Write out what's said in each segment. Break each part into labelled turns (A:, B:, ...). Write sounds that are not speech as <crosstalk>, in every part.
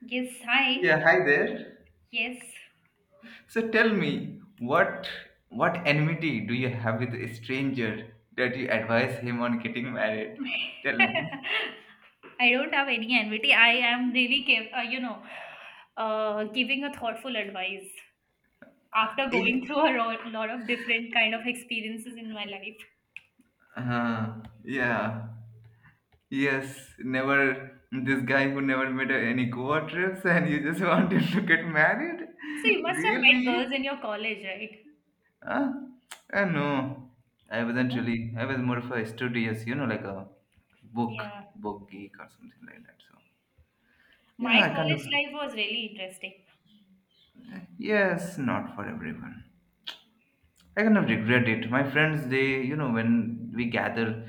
A: Yes, hi.
B: Yeah, hi there.
A: Yes.
B: So tell me, what enmity do you have with a stranger that you advise him on getting married? Tell me.
A: <laughs> I don't have any envy. I am really, giving a thoughtful advice after going
B: It,
A: through a lot of different kind of experiences in my life.
B: yeah. Yes, never this guy who never made any Goa trips and you just <laughs> want him to get married? <laughs>
A: So you must have met
B: Really?
A: girls in your college, right?
B: Huh? No. I wasn't
A: No?
B: really I was more of a studious, you know, like a book
A: Yeah.
B: book geek or something like that. So
A: My
B: yeah, I kind of
A: college life was really interesting.
B: Yes, not for everyone. I kind of regret it. My friends, they, you know, when we gather,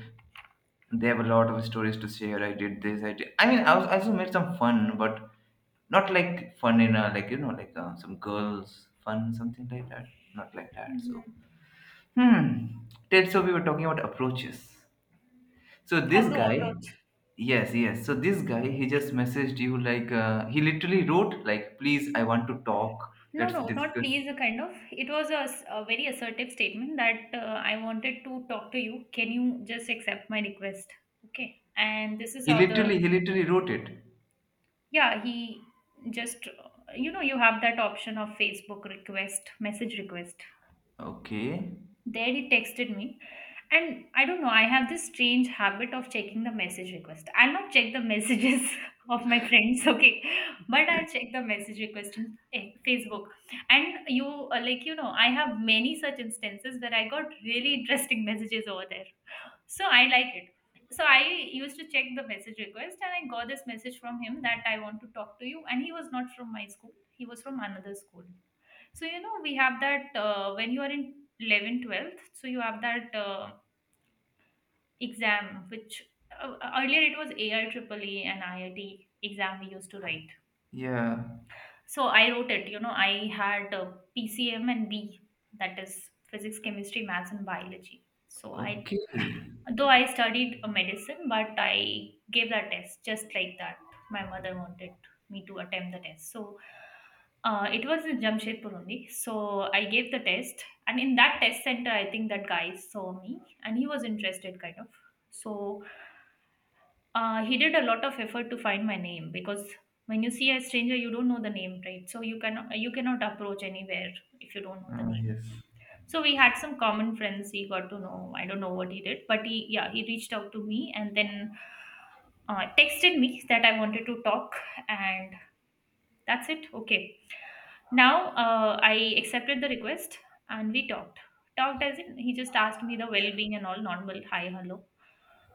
B: they have a lot of stories to share. I did this, I did. I was, I also made some fun, but not like fun in a, like, you know, like some girls' fun, something like that. Not like that. So,
A: Hmm.
B: hmm. Ted, so we were talking about approaches. So this
A: How to
B: guy,
A: approach.
B: yes, yes. So this guy, he just messaged you, like, he literally wrote, like, please, I want to talk.
A: No,
B: Let's
A: no, not
B: discuss.
A: please. A kind of it was a very assertive statement that I wanted to talk to you. Can you just accept my request? Okay. And this is
B: He
A: how the
B: literally, he literally wrote it.
A: yeah, he just you have that option of Facebook request, message request.
B: Okay.
A: There he texted me. And I don't know, I have this strange habit of checking the message request. I'll not check the messages <laughs> of my friends, okay, but I'll check the message request in Facebook. And like, I have many such instances where I got really interesting messages over there. So I like it. So I used to check the message request and I got this message from him that I want to talk to you. And he was not from my school, he was from another school. So, we have that when you are in 11, 12th. So you have that. Exam, which earlier it was AIEEE and IIT exam we used to write.
B: Yeah.
A: So I wrote it, I had PCM and B, that is physics, chemistry, maths, and biology.
B: Okay.
A: Though I studied medicine, but I gave that test just like that. My mother wanted me to attempt the test. So it was in Jamshedpur only. So I gave the test, and in that test center, I think that guy saw me and he was interested, kind of. So he did a lot of effort to find my name, because when you see a stranger you don't know the name, right? So you cannot approach anywhere if you don't know the name.
B: Yes.
A: So we had some common friends, he got to know. I don't know what he did, but he yeah, he reached out to me, and then texted me that I wanted to talk. And that's it. Okay, now I accepted the request, and we talked. Talked as in he just asked me the well-being and all, normal hi hello,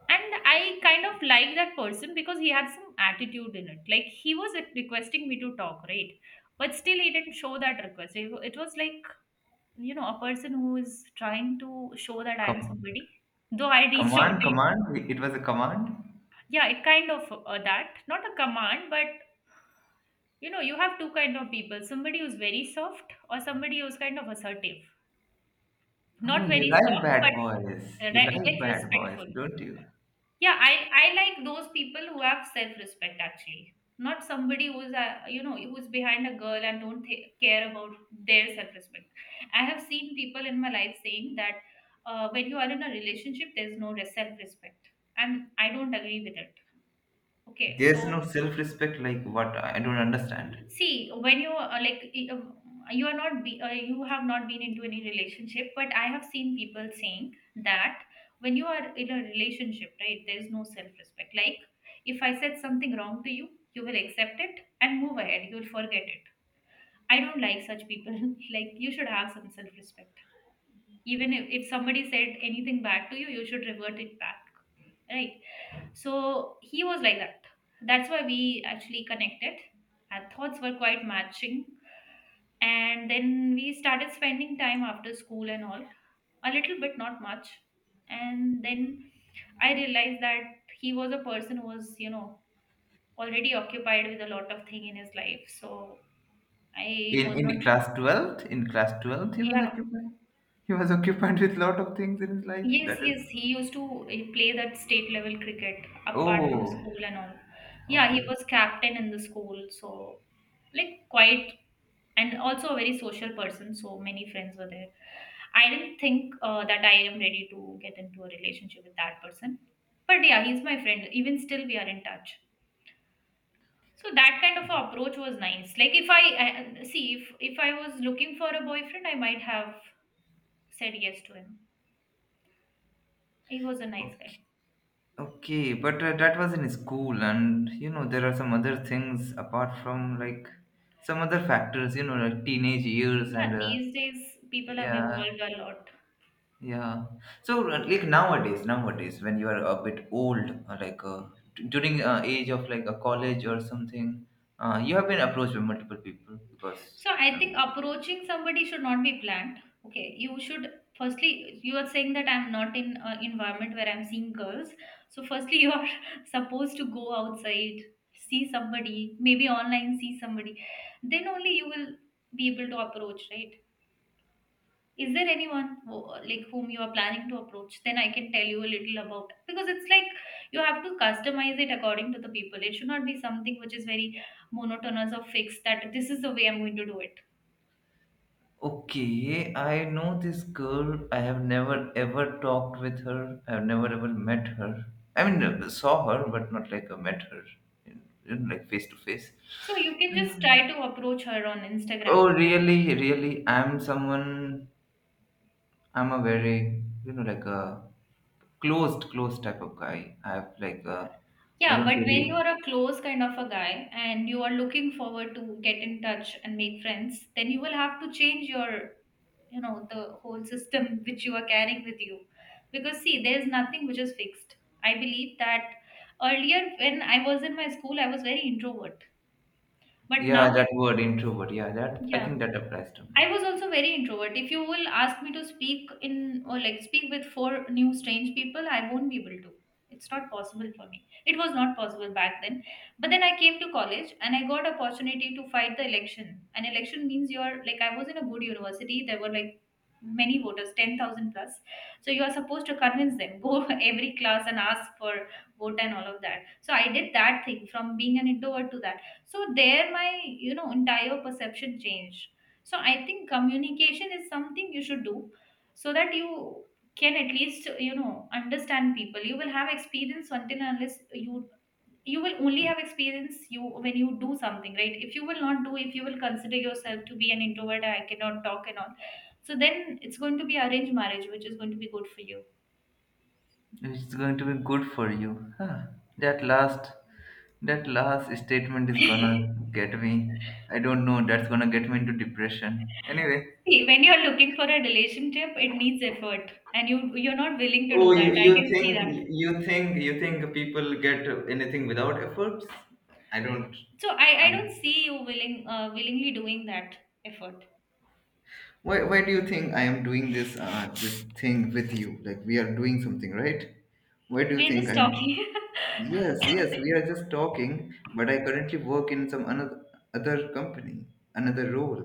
A: and I kind of like that person because he had some attitude in it. Like, he was requesting me to talk, right, but still he didn't show that request. It was like, a person who is trying to show that I am
B: Com-
A: somebody, though I reached out
B: command,
A: to him.
B: command. It was a command.
A: Yeah, it kind of that, not a command, but you have two kind of people: somebody who's very soft, or somebody who's kind of assertive,
B: Oh,
A: not
B: you
A: very
B: like
A: soft,
B: bad boys.
A: but
B: You like
A: yet
B: bad boys,
A: respectful.
B: don't you?
A: Yeah, I like those people who have self respect actually, not somebody who's who's behind a girl and don't care about their self respect. I have seen people in my life saying that when you are in a relationship there's no self respect, and I don't agree with it. Okay, so
B: There's no self-respect like what I don't understand.
A: see, when you like you are not be, you have not been into any relationship, but I have seen people saying that when you are in a relationship, right, there is no self-respect. Like, if I said something wrong to you, you will accept it and move ahead. You will forget it. I don't like such people. <laughs> Like, you should have some self-respect. Even if somebody said anything bad to you, you should revert it back, right? So he was like that. That's why we actually connected. Our thoughts were quite matching, and then we started spending time after school and all, a little bit, not much. And then I realized that he was a person who was already occupied with a lot of thing in his life, so I
B: In
A: was not.
B: in class twelfth, in class twelfth, he was
A: Yeah.
B: occupied. He was <laughs> occupied with lot of things in his life. That
A: Yes,
B: is.
A: yes, he used to play that state level cricket apart from
B: Oh.
A: school and all. Yeah, he
B: Okay.
A: was captain in the school, so, like, quite, and also a very social person, so many friends were there. I didn't think that I am ready to get into a relationship with that person. But yeah, he's my friend. Even still, we are in touch. So that kind of approach was nice. Like, if I see, if I was looking for a boyfriend, I might have said yes to him. He was a nice guy.
B: Okay, but that was in school, and you know, there are some other things apart from like some other factors, you know, like teenage years and
A: Yeah, these days people have
B: yeah,
A: evolved a lot.
B: yeah. So, like nowadays, when you are a bit old, during age of like a college or something, you have been approached by multiple people because.
A: So I think approaching somebody should not be planned. Okay, you should firstly you are saying that I'm not in an environment where I'm seeing girls. So firstly you are <laughs> supposed to go outside, see somebody, maybe online see somebody. Then only you will be able to approach, right? Is there anyone like, whom you are planning to approach? Then I can tell you a little about, because it's like you have to customize it according to the people. It should not be something which is very monotonous or fixed, that this is the way I'm going to do it.
B: Okay, I know this girl. I have never ever talked with her. I have never ever met her. I mean, saw her, but not like I met her, in face to face.
A: So you can just
B: Mm.
A: try to approach her on
B: Oh,
A: Instagram.
B: really. I'm someone. I'm a very, you know, like a closed type of guy. I have like a, I
A: Yeah,
B: don't
A: but when you
B: really.
A: are a close kind of a guy and you are looking forward to get in touch and make friends, then you will have to change your, the whole system which you are carrying with you, because, see, there's nothing which is fixed. I believe that earlier, when I was in my school, I was very introvert, but
B: Yeah,
A: now,
B: that
A: if,
B: word introvert. Yeah, that I
A: yeah,
B: think that applies to me.
A: I was also very introvert. If you will ask me to speak in or like speak with four new strange people, I won't be able to. It's not possible for me. It was not possible back then. But then I came to college and I got opportunity to fight the election. An election means you're like, I was in a good university. There were, like, many voters, 10,000 plus. So you are supposed to convince them, <laughs> go every class and ask for vote and all of that. So I did that thing, from being an introvert to that. So there my, entire perception changed. So I think communication is something you should do, so that you can at least understand people. You will have experience until and unless you will only have experience you when you do something, right? If you will not do, if you will consider yourself to be an introvert, I cannot talk and all. So then it's going to be arranged marriage, which is going to be good for you.
B: It's going to be good for you. Huh. That last that last statement is gonna
A: <laughs>
B: get me. I don't know, that's gonna get me into depression. Anyway.
A: See, when you're looking for a relationship, it needs effort, and you're not willing to
B: Oh
A: do
B: you,
A: that. I
B: you
A: can
B: think
A: see that.
B: you think you think people get anything without efforts? I don't
A: So I
B: I'm,
A: don't see you willing willingly doing that effort.
B: Why do you think I am doing this thing with you? Like we are doing something, right? Why do you
A: We're
B: think
A: just
B: I'm
A: talking.
B: Yes, yes, we are just talking, but I currently work in some another other company, another role,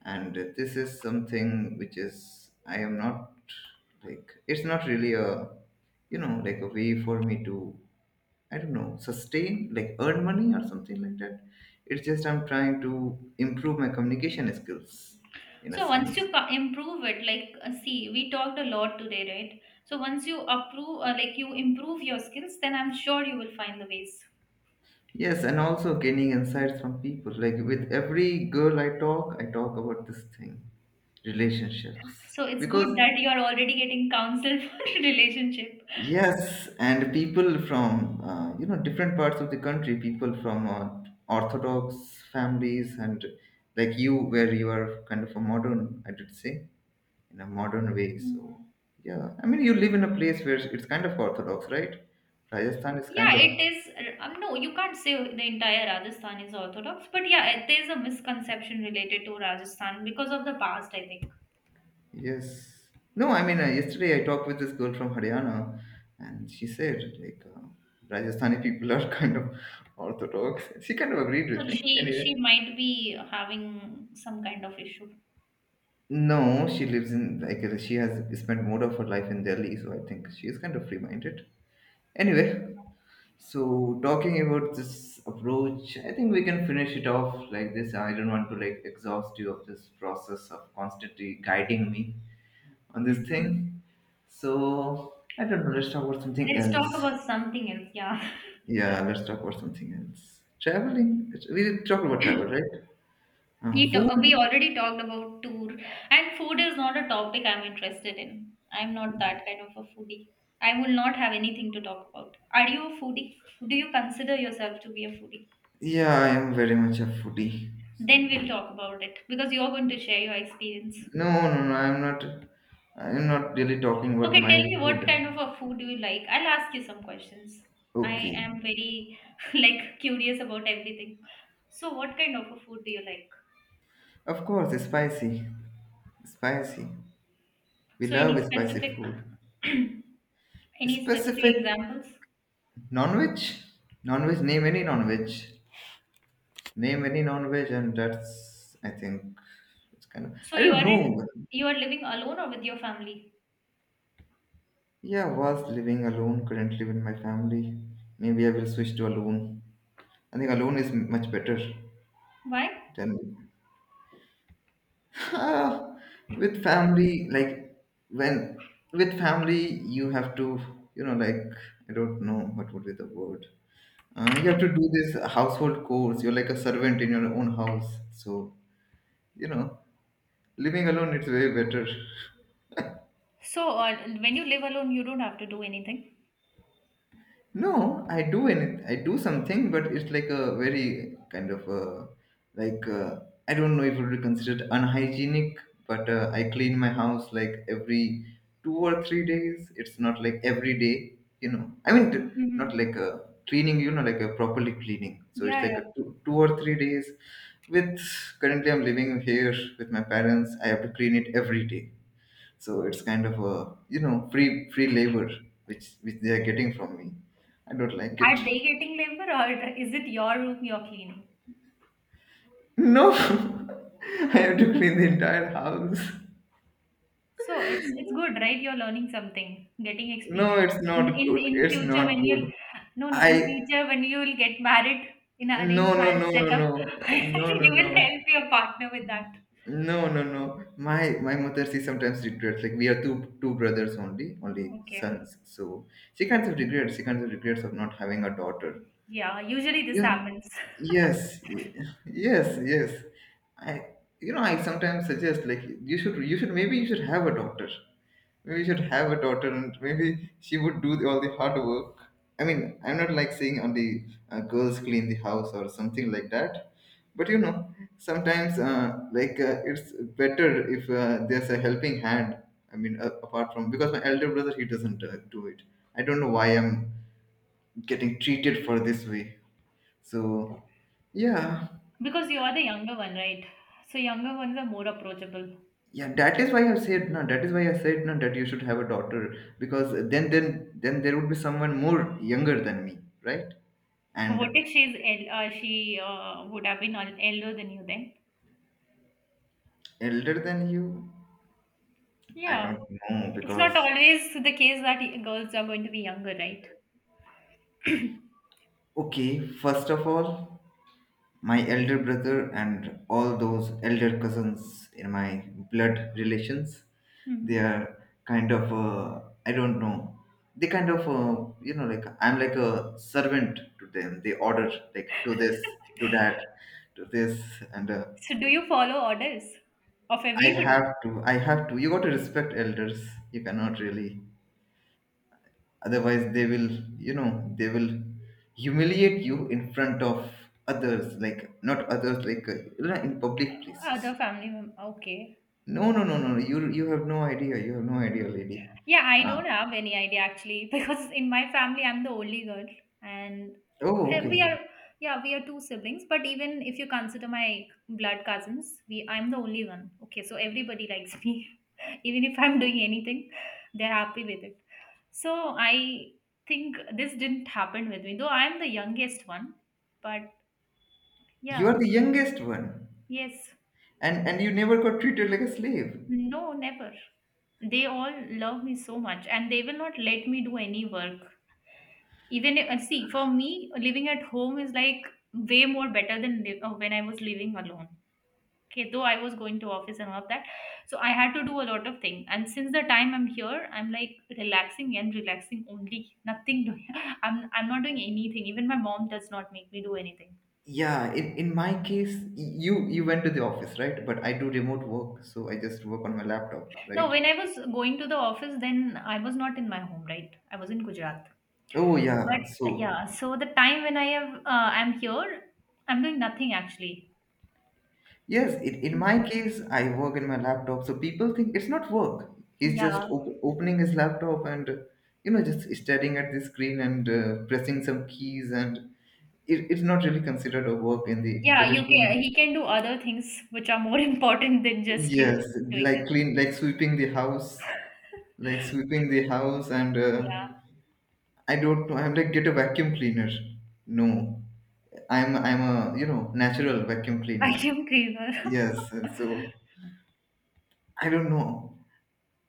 B: and this is something which is I am not like it's not really a you know like a way for me to I don't know sustain like earn money or something like that. It's just I'm trying to improve my communication skills
A: <laughs>
B: in a
A: So once
B: sense
A: you improve it, like see, we talked a lot today, right? So once you like you improve your skills, then I'm sure you will find the ways.
B: Yes, and also gaining insights from people. Like with every girl I talk about this thing, relationships.
A: So it's good
B: Because
A: that you are already getting counsel <laughs> for relationship.
B: yes, and people from you know different parts of the country, people from Orthodox families, and like you, where you are kind of a modern, I did say, in a modern way. So
A: Mm.
B: yeah, I mean, you live in a place where it's kind of Orthodox, right? Rajasthan is kind
A: Yeah,
B: of
A: it is. No, you can't say the entire Rajasthan is Orthodox, but yeah, there's a misconception related to Rajasthan because of the past, I think.
B: Yes. No, I mean, yesterday I talked with this girl from Haryana, and she said, like, Rajasthani people are <laughs> kind of orthodox. She kind of agreed with
A: So
B: me.
A: she
B: Anyway,
A: might be having some kind of issue.
B: no, she lives in, like, she has spent more of her life in Delhi, so I think she is kind of free minded. Anyway, so talking about this approach, I think we can finish it off like this. I don't want to, like, exhaust you of this process of constantly guiding me on this
A: Hmm.
B: thing. So I don't know. Let's talk about something
A: Let's talk
B: else.
A: about something else. Yeah,
B: Yeah, let's talk about something else. Traveling. We did talk about travel, right?
A: <laughs> we
B: Food.
A: already talked about tour, and food is not a topic I'm interested in. I'm not that kind of a foodie. I will not have anything to talk about. Are you a foodie? Do you consider yourself to be a foodie?
B: Yeah, I am very much a foodie.
A: Then
B: So
A: we'll talk about it, because you're going to share your experience.
B: no, no, no. I'm not. I'm not really talking about
A: Okay,
B: my
A: tell me, what
B: food.
A: kind of a food do you like? I'll ask you some questions. I
B: Okay.
A: am very <laughs> like curious about everything. So what kind of a food do you like?
B: Of course, it's spicy. Spicy. We
A: So any
B: love spicy
A: specific
B: food.
A: <clears throat> any specific
B: Specific
A: examples?
B: non-veg? Non-veg, name any non-veg. Name any non-veg and that's, I think, it's kind of
A: So
B: I
A: you
B: don't
A: are in,
B: know.
A: you are living alone or with your family?
B: Yeah, was living alone. Currently with my family. Maybe I will switch to alone. I think alone is much better
A: Why?
B: than Ah, with family. Like when with family, you have to you know like I don't know what would be the word. You have to do this household chores. You're like a servant in your own house. So you know, living alone it's way better.
A: So when you live alone, you don't have to do anything.
B: No, I do and I do something, but it's like a very kind of like uh, I don't know if it would be considered unhygienic, but I clean my house like every 2 or 3 days. It's not like every day, you know. I mean, not like
A: Mm-hmm.
B: a cleaning, you know, like a properly cleaning. So it's
A: Yeah,
B: like a
A: yeah.
B: two or three days. With currently, I'm living here with my parents. I have to clean it every day so it's kind of a you know free labor which they are getting from me. I don't like it.
A: Are they getting labor, or is it your room you're cleaning?
B: No. <laughs> I have to clean the entire house.
A: So it's good, right? You're learning something, getting
B: No,
A: experience.
B: it's not
A: In in
B: good,
A: in
B: it's
A: future
B: not
A: when
B: good
A: you'll, no, no,
B: I
A: in future when you'll get married in an
B: no
A: arranged
B: no
A: marriage
B: no no
A: setup,
B: no no
A: <laughs>
B: no
A: you
B: no
A: will help your partner with that.
B: no no no my mother she sometimes regrets like we are two brothers only, only
A: Okay.
B: sons so she kind of regrets of not having a daughter.
A: Yeah, usually this
B: You know,
A: happens. <laughs>
B: yes, yes, yes. I, you know, I sometimes suggest like you should maybe you should have a daughter. Maybe you should have a daughter, and maybe she would do all the hard work. I mean, I'm not like saying only girls clean the house or something like that, but you know, sometimes it's better if there's a helping hand. I mean, apart from because my elder brother he doesn't do it. I don't know why I'm getting treated for this way. So yeah,
A: Because you are the younger one, right? So younger ones are more approachable.
B: yeah, that is why I said no. That is why I said no that you should have a daughter because then there would be someone more younger than me, right?
A: What
B: And
A: if she's she would have been elder than you then?
B: elder than you, I
A: Yeah.
B: don't know
A: It's not
B: because
A: always the case that girls are going to be younger, right? <coughs>
B: okay, first of all, my elder brother and all those elder cousins in my blood relations
A: <clears throat>
B: they
A: Mhm.
B: are kind of I don't know they kind of you know like I'm like a servant to them. They order like do this, do
A: <laughs>
B: that, do this and
A: So do you follow orders of
B: i have
A: everybody?
B: to i have to you got to respect elders you cannot really otherwise they will you know they will humiliate you in front of others like not others like you know, in public places.
A: Other family member? Okay.
B: No, no, no, no, no. You have no idea. You have no idea, lady.
A: Yeah, I
B: Uh,
A: don't have any idea actually <laughs> because in my family I'm the only girl and
B: oh, okay.
A: we are, yeah, we are two siblings, but even if you consider my blood cousins, we I'm the only one. Okay, so everybody likes <laughs> me. Even if I'm doing anything, they're happy with it. So I think this didn't happen with me, though I'm the youngest one. But
B: You
A: yeah,
B: are the youngest one,
A: yes.
B: and you never got treated like a slave.
A: No, never. They all love me so much and they will not let me do any work. Even if, see, for me, living at home is like way more better than when I was living alone. Okay, though I was going to office and all of that. So I had to do a lot of things. And since the time I'm here, I'm like relaxing and relaxing only. Nothing doing. <laughs> I'm not doing anything. Even my mom does not make me do anything.
B: Yeah, in my case, you went to the office, right? But I do remote work, so I just work on my laptop,
A: No,
B: right?
A: when I was going to the office, then I was not in my home, right? I was in Gujarat.
B: Oh
A: But
B: yeah. So
A: yeah, so the time when I have, I'm here, I'm doing nothing actually.
B: yes, in my case, I work in my laptop. So people think it's not work. He's just
A: Yeah,
B: opening his laptop and you know just staring at the screen and pressing some keys and it's not really considered a work in the
A: yeah, you
B: traditional
A: can he can do other things which are more <laughs> important than just you
B: yes
A: doing
B: like
A: this.
B: clean like sweeping the house, like
A: <laughs>
B: sweeping the house and
A: Yeah,
B: I don't know I'm like get a vacuum cleaner. No, I'm a you know natural vacuum cleaner.
A: vacuum cleaner.
B: Yes and
A: <laughs>
B: so I don't know,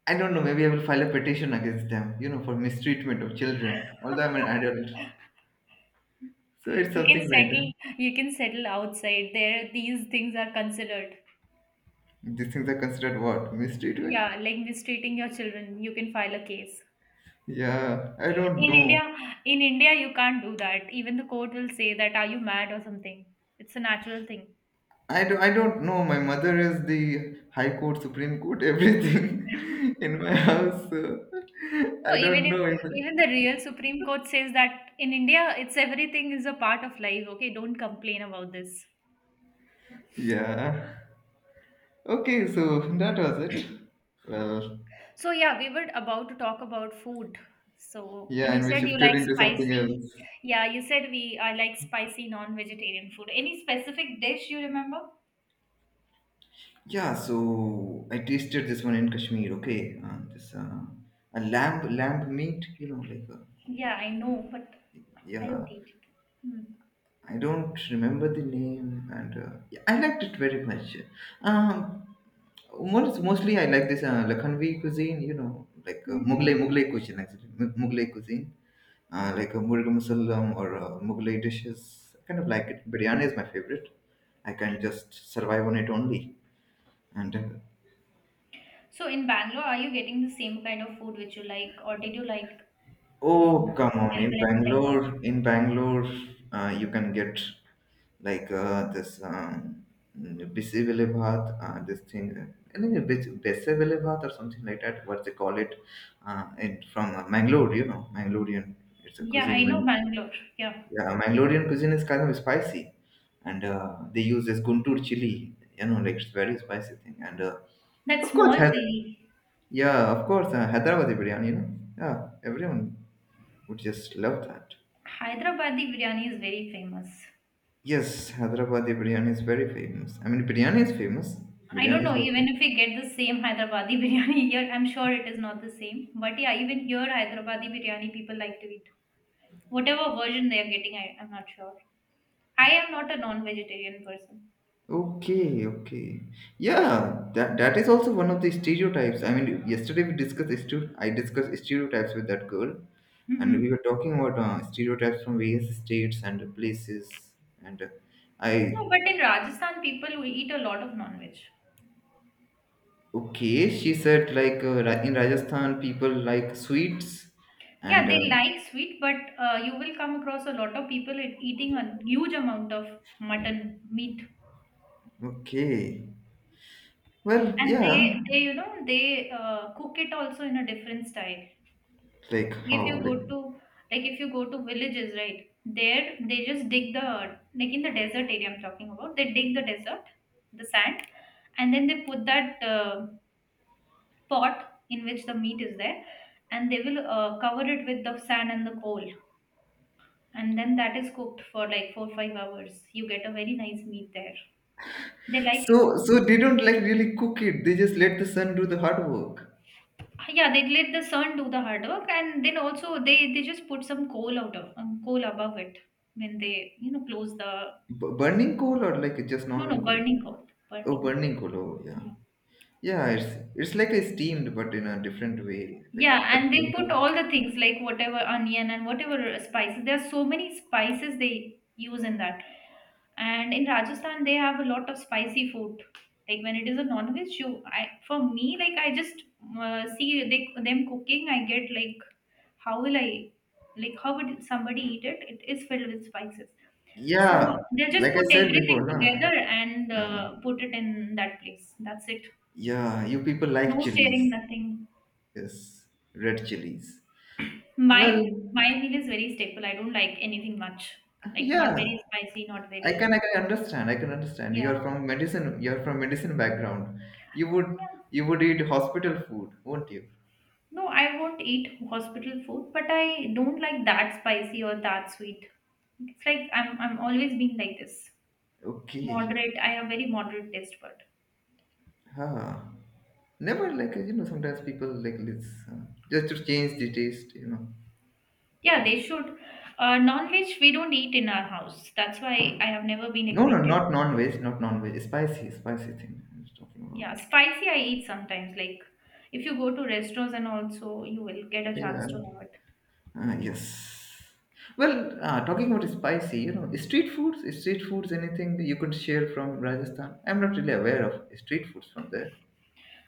B: I don't know, maybe I will file a petition against them you know for mistreatment of children although I'm an adult. So it's
A: You
B: something
A: can
B: like
A: settle.
B: that.
A: You can settle outside. There, these things are considered.
B: These things are considered what, mistreatment?
A: Yeah, like mistreating your children, you can file a case.
B: Yeah, I don't
A: In
B: know.
A: India, in India, you can't do that. Even the court will say that, are you mad or something? It's a natural thing.
B: I do, I don't know. My mother is the High Court, Supreme Court, everything <laughs>
A: <laughs>
B: in my house. So <laughs>
A: No,
B: I
A: even
B: don't
A: if
B: know. If
A: even the real Supreme Court says that in India, it's everything is a part of life. Okay, don't complain about this.
B: yeah. Okay, so that was it. Well,
A: So yeah, we were about to talk about food. So
B: yeah,
A: you
B: and we
A: said you
B: shifted
A: like
B: into something
A: spicy.
B: else.
A: Yeah, you said we I like spicy non-vegetarian food. Any specific dish you remember?
B: Yeah, so I tasted this one in Kashmir. Okay, this a lamb meat. You know, like
A: Yeah, I know, but I
B: yeah,
A: don't eat it. Hmm.
B: I don't remember the name, and yeah, I liked it very much. Um, mostly, I like this Lakhanvi cuisine, you know, like
A: Mm-hmm.
B: Mughlai cuisine actually, Mughlai cuisine, Muruga Masalam or Mughlai dishes. I kind of like it.
A: Okay.
B: Biryani is my favorite. I can
A: Okay.
B: just survive on it only. And
A: So in Bangalore, are you getting the same kind of food which you like, or did you like the
B: oh,
A: food
B: come on! In
A: available in Bengal?
B: Bangalore, you can get like this Bisivile Bhat, this thing, no, Besivile Bhat or something like that, what they call it, it from Mangalore, you know, Mangalorean, it's a
A: Yeah,
B: cuisine,
A: I know
B: Mang-
A: Bangalore. Yeah,
B: Yeah, Mangalorean cuisine is kind of spicy, and they use this Guntur chili, you know, like it's very spicy thing, and
A: that
B: of
A: small
B: course, Hyder-
A: chili.
B: yeah, of course, Hyderabadi biryani, you know, yeah, everyone would just love that.
A: Hyderabadi biryani is very famous.
B: Yes, Hyderabadi biryani is very famous. I mean, biryani is famous.
A: I don't
B: Biryani is
A: know,
B: like
A: even if we get the same Hyderabadi <laughs> biryani here, I'm sure it is not the same. But yeah, even here, Hyderabadi biryani people like to eat. Whatever version they are getting, I'm not sure. I am not a non vegetarian person.
B: Okay, okay. Yeah, that is also one of the stereotypes. I mean, yesterday I discussed stereotypes with that girl, and we
A: Hmm.
B: were talking about stereotypes from various states and places. And
A: No,
B: I
A: but in Rajasthan, people will eat a lot of non veg.
B: Okay, she said in Rajasthan people like sweets,
A: Yeah,
B: and
A: they like sweet, but you will come across a lot of people eating a huge amount of mutton meat,
B: okay, well,
A: and they
B: yeah,
A: they you know they cook it also in a different style.
B: like
A: Like, if
B: how
A: you go
B: like
A: to, like, if you go to villages, right? There they just dig the, like, in the desert area I'm talking about. They dig the desert, the sand, and then they put that pot in which the meat is there, and they will cover it with the sand and the coal, and then that is cooked for like 4-5 hours. You get a very nice meat there. They like
B: so
A: it.
B: they don't like really cook it. They just let the sun do the hard work.
A: Yeah, they let the sun do the hard work, and then also they just put some coal out of coal above it when they, you know, close the,
B: B- burning coal or like just
A: no no
B: normal coal?
A: burning coal,
B: Oh,
A: burning.
B: burning kolo, yeah.
A: Yeah,
B: Yeah, it's like a steamed but in a different way, like a
A: yeah, and they
B: tandoor
A: put all
B: thing.
A: the things like whatever onion and whatever spices. There are so many spices they use in that. And in Rajasthan, they have a lot of spicy food. Like when it is a non-veg, for me, like I just see them cooking, I get like, how will I, like how would somebody eat it? It is filled with spices. So
B: Yeah,
A: they just
B: like I
A: put
B: said
A: everything
B: before,
A: together and
B: nah. Uh,
A: put it in that place. That's it.
B: yeah, you people like
A: No
B: chilies.
A: stirring, nothing.
B: Yes, red chilies.
A: My
B: Well,
A: my meal is very staple. I don't like anything much. Like not
B: yeah,
A: very spicy, not
B: I can
A: very,
B: I can understand. I can understand. You
A: yeah.
B: are from medicine. You are from medicine background. You would eat hospital food, won't you?
A: No, I won't eat hospital food, but I don't like that spicy or that sweet. It's like I'm always being like this.
B: Okay.
A: Moderate. I have very moderate taste bud.
B: Huh. Never like you know. Sometimes people like let's just to change the taste, you know.
A: Yeah, they should. Non-veg we don't eat in our house. That's why I have never been
B: No, no,
A: acquainted.
B: not non-veg, not non-veg. Spicy, spicy thing I was talking about.
A: Yeah, spicy I eat sometimes. Like if you go to restaurants and also you will get a
B: Yeah.
A: chance to have it.
B: Yes. Well, talking about spicy, you know, street foods, anything you could share from Rajasthan? I'm not really aware of street foods from there.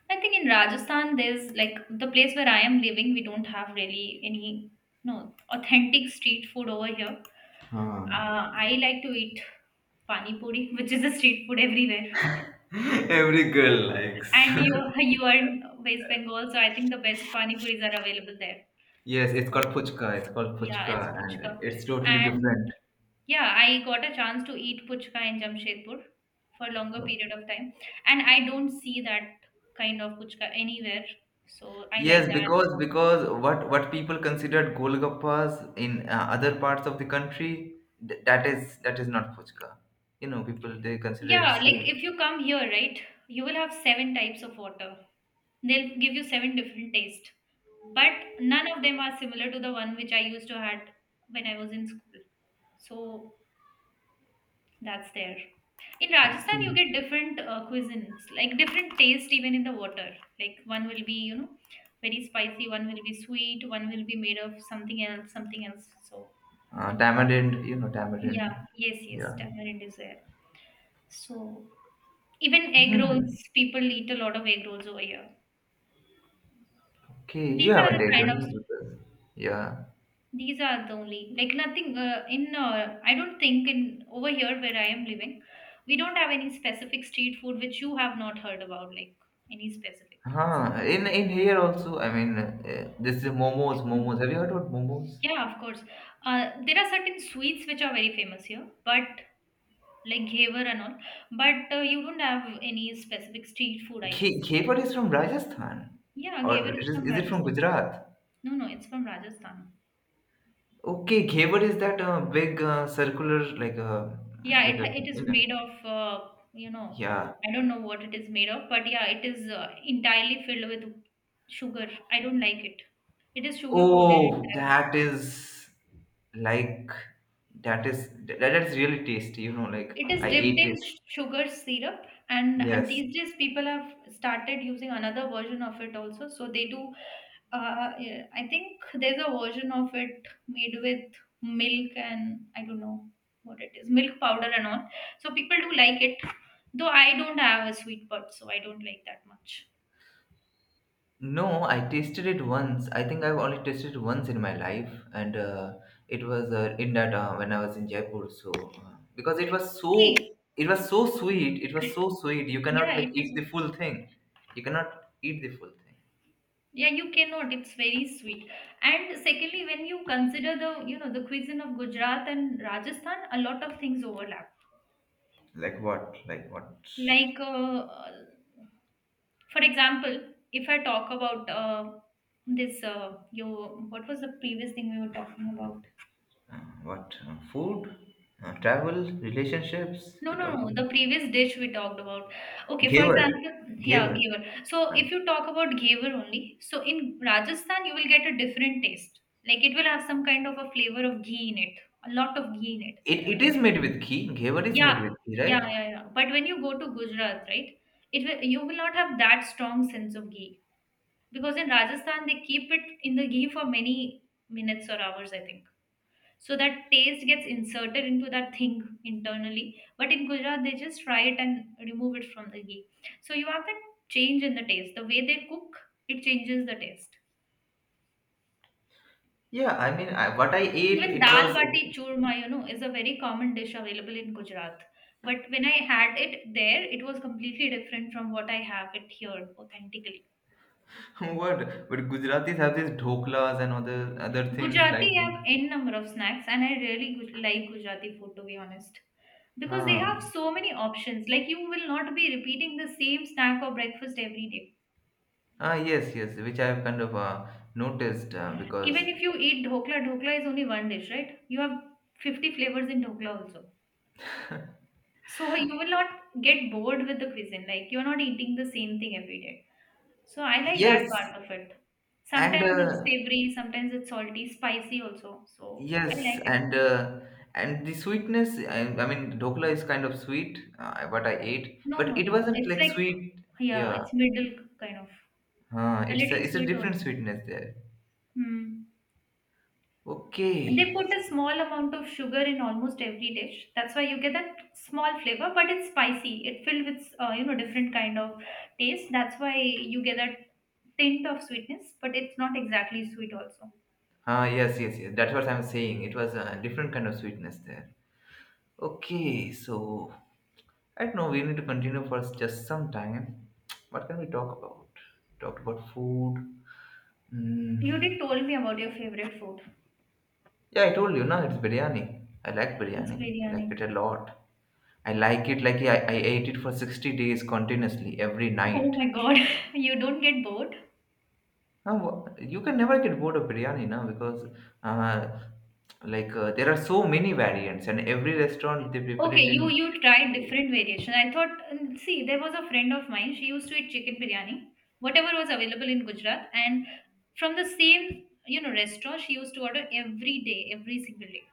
A: I think in Rajasthan there's like the place where I am living, we don't have really any, no authentic street food over here.
B: Ah.
A: I like to eat pani puri, <laughs> which is a street food everywhere.
B: <laughs> Every girl likes.
A: And you are in West Bengal, so I think the best pani puris are available there.
B: <laughs> Yes, it's called
A: So
B: puchka. It's called
A: yeah,
B: puchka,
A: it's
B: and
A: puchka.
B: it's totally
A: And
B: different.
A: yeah, I got a chance to eat puchka in Jamshedpur for a longer period of time, and I don't see that kind of puchka anywhere. So I
B: Yes,
A: like that.
B: because what people considered golgappas in other parts of the country, that is not puchka. You know, people they consider it
A: Yeah, like
B: same.
A: if you come here, right, you will have seven types of water. They'll give you seven different tastes, but none of them are similar to the one which I used to had when I was in school. So that's there. In Rajasthan, you
B: Okay.
A: get different cuisines, like different taste even in the water. Like one will be, you know, very spicy, one will be sweet, one will be made of something else, something else. So
B: Tamarind, you know,
A: yeah,
B: tamarind.
A: yes, yes,
B: Yeah.
A: tamarind is there. So even egg
B: Hmm.
A: rolls, people eat a lot of egg rolls over here.
B: Okay, you
A: These are
B: haven't
A: the
B: ate
A: kind of,
B: only because yeah.
A: these are the only like nothing in I don't think in over here where I am living, we don't have any specific street food which you have not heard about, like any specific things.
B: Huh. In here also, I mean, this is momos. Momos.
A: Mm.
B: Have you heard about momos?
A: Yeah, of course. There are certain sweets which are very famous here, but like ghevar and all, but you don't have any specific street food, I guess.
B: Khepar is from Rajasthan,
A: Yeah,
B: or
A: ghevar is from
B: is it from
A: Rajasthan.
B: Gujarat?
A: No, no, it's from Rajasthan.
B: Okay, Khevar is that big circular
A: Yeah,
B: like a
A: it is
B: you know,
A: made of you know,
B: yeah.
A: I don't know what it is made of, but yeah, it is entirely filled with sugar. I don't like it. It is sugar coated
B: Oh,
A: entirely.
B: that is like that is that's really tasty. You know, like
A: It is
B: I
A: dipped
B: ate
A: in
B: it.
A: sugar syrup, and
B: Yes.
A: these days people have started using another version of it also. So they do, yeah, I think there's a version of it made with milk, and I don't know what it is, milk powder and all. So people do like it, though I don't have a sweet tooth, so I don't like that much.
B: No, I tasted it once. I think I've only tasted it once in my life, and it was in that when I was in Jaipur. So because
A: See,
B: it was so sweet, it was so sweet. You cannot
A: yeah,
B: like
A: it is.
B: eat the full thing. You cannot eat the full thing.
A: Yeah, you cannot. It's very sweet. And secondly, when you consider the, you know, the cuisine of Gujarat and Rajasthan, a lot of things overlap.
B: Like what? Like what?
A: Like, for example, if I talk about, this you what was the previous thing we were talking about?
B: Uh, what? Food? Travel? Relationships?
A: No,
B: We
A: no,
B: talked
A: no,
B: about
A: the previous dish we talked about. Okay, for
B: Ghevar.
A: example, yeah,
B: Ghevar.
A: ghevar. So
B: Uh,
A: if you talk about ghevar only, so in Rajasthan you will get a different taste. Like it will have some kind of a flavor of ghee in it, a lot of ghee in it.
B: it is made with ghee. Ghevar is made
A: yeah
B: with ghee,
A: yeah
B: right?
A: yeah yeah But when you go to Gujarat, right, it will, you will not have that strong sense of ghee, because in Rajasthan they keep it in the ghee for many minutes or hours, I think. So that taste gets inserted into that thing internally. But in Gujarat, they just fry it and remove it from the ghee. So you have that change in the taste. The way they cook, it changes the taste.
B: Yeah, I mean, what I ate,
A: Even
B: it
A: dal
B: was
A: bati churma, you know, is a very common dish available in Gujarat. But when I had it there, it was completely different from what I have it here authentically.
B: <laughs> what? But Gujaratis have these dhoklas and other things like
A: Gujarati
B: that.
A: have n number of snacks, and I really like Gujarati food, to be honest, because they
B: Huh.
A: have so many options. Like you will not be repeating the same snack or breakfast every day.
B: Ah, yes, yes, which I have kind of noticed
A: Even
B: because
A: if you eat dhokla, dhokla is only one dish, right? You have 50 flavors in dhokla also. So you will not get bored with the cuisine. Like you're not eating the same thing every day. So I like that
B: yes,
A: part of it.
B: and
A: Sometimes it's savory, sometimes it's salty, spicy also. So I
B: yes,
A: like it.
B: and the sweetness. I mean, dhokla is kind of sweet. What I ate,
A: No,
B: but
A: no,
B: it
A: no.
B: wasn't
A: It's
B: like
A: like,
B: sweet.
A: yeah,
B: Yeah,
A: it's middle kind of. A little
B: it's a
A: sweet
B: different
A: also.
B: sweetness there.
A: Hmm. They
B: Okay.
A: put a small amount of sugar in almost every dish. That's why you get that small flavor, but it's spicy. It filled with, you know, different kind of taste. That's why you get that tint of sweetness, but it's not exactly sweet also.
B: Ah, yes, yes, yes. That's what I'm saying. It was a different kind of sweetness there. Okay, so I don't know. We need to continue for just some time. What can we talk about? Talked about food. Mm.
A: You did told me about your favorite food.
B: Yeah, I told you, now it's biryani. I like
A: It's
B: biryani. I
A: biryani.
B: like it a lot. I like it like I ate it for 60 days continuously every
A: Oh
B: night.
A: my God, <laughs> you don't get bored?
B: Now, wha- you can never get bored of biryani now because uh, there are so many variants and every restaurant they prepare
A: Okay,
B: it
A: you
B: in
A: you tried
B: different way.
A: different variations. I thought, see, there was a friend of mine. She used to eat chicken biryani, whatever was available in Gujarat, and from the same, you know, restaurant, she used to order every day, every single day.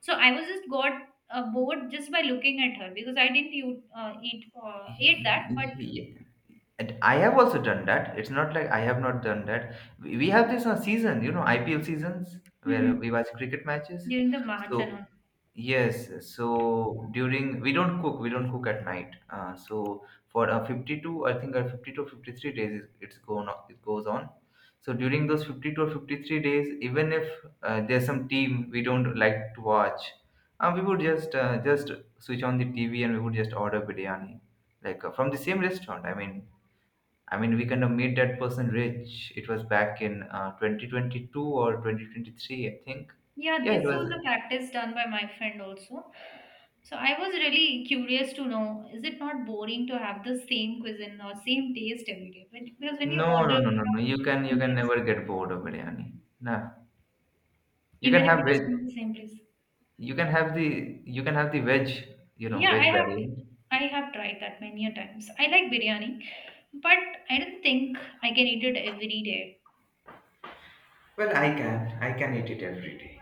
A: So I was just got bored just by looking at her because I didn't eat ate that, but
B: Yeah. And I have also done that. It's not like I have not done that. We have this season, you know, IPL seasons where we
A: Mhm.
B: watch cricket matches.
A: during the March and
B: So
A: all.
B: yes, so during we don't cook at night. So for 52, I think 52 or 53 days it's going on, it goes on. So during those 52 or 53 days, even if there's some team we don't like to watch, we would just switch on the TV and we would just order biryani, from the same restaurant. I mean we kind of made that person rich. It was back in 2022 or 2023, I think.
A: Yeah,
B: Yeah, it
A: this
B: was
A: was a practice done by my friend also. So I was really curious to know, is it not boring to have the same cuisine or same taste every day? But because when you order from
B: no, no, no, no, no. You can
A: the
B: you
A: same
B: can
A: place,
B: never get bored of biryani. Nah. You can
A: even if
B: have
A: it is
B: veg
A: from the same place.
B: you can have the veg, you know,
A: Yeah,
B: veg variant.
A: I have tried that many a times. I like biryani, but I don't think I can eat it every day.
B: Well, I can. I can eat it every day.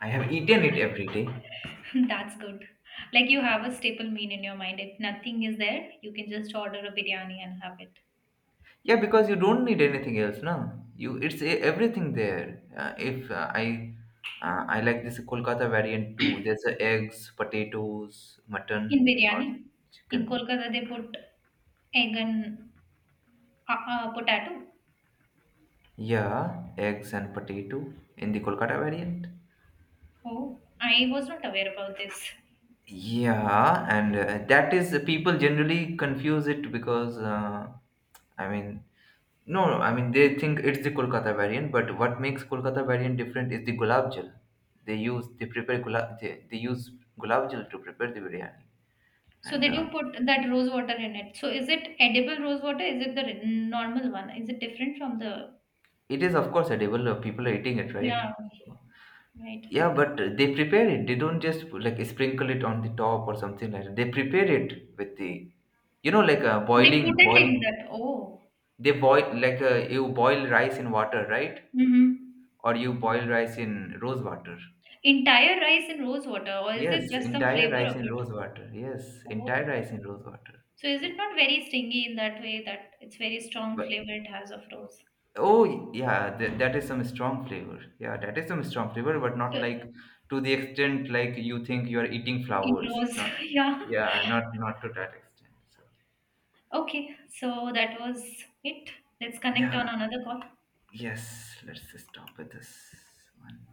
B: I have eaten it every day.
A: <laughs> That's good. Like you have a staple meal in your mind. If nothing is there, you can just order a biryani and have it.
B: Yeah, because you don't need anything else, no. You everything there. If I I like this Kolkata variant too. There's eggs, potatoes,
A: In
B: mutton or
A: biryani? In
B: chicken.
A: Kolkata, they put egg and potato.
B: Yeah, eggs and potato in the Kolkata variant.
A: Oh, I was not aware about this.
B: Yeah, and that is people generally confuse it because I mean no, no, I mean they think it's the Kolkata variant, but what makes Kolkata variant different is the gulab jal. They use gulab jal to prepare the biryani,
A: So
B: and
A: they do put that rose water in it. So is it edible rose water? Is it the normal one? Is it different from the?
B: it is of course edible. Uh, people are eating it, right?
A: Yeah, right.
B: Yeah, but they prepare it. They don't just like sprinkle it on the top or something like that. They prepare it with the, you know, like a
A: They put it in
B: boil.
A: that. Oh,
B: They boil like you boil rice in water, right?
A: mm-hmm.
B: Or you boil rice in rose water.
A: Entire rice in rose water, or is it
B: Yes,
A: just some
B: entire
A: flavor
B: rice
A: of
B: in
A: it?
B: rose water. Yes, entire
A: Oh,
B: rice in rose water.
A: so is it
B: So,
A: not very stingy in that way that it's very strong
B: but
A: flavor it has of rose?
B: oh yeah, that is some strong flavor. Yeah, that is some strong flavor, but not
A: So
B: like to the extent like you think you are eating
A: in
B: flowers.
A: rose,
B: Not
A: <laughs> yeah.
B: yeah, not not to that extent. So
A: Okay, so that was it. Let's connect
B: yeah,
A: on another call.
B: yes. Let's stop with this one.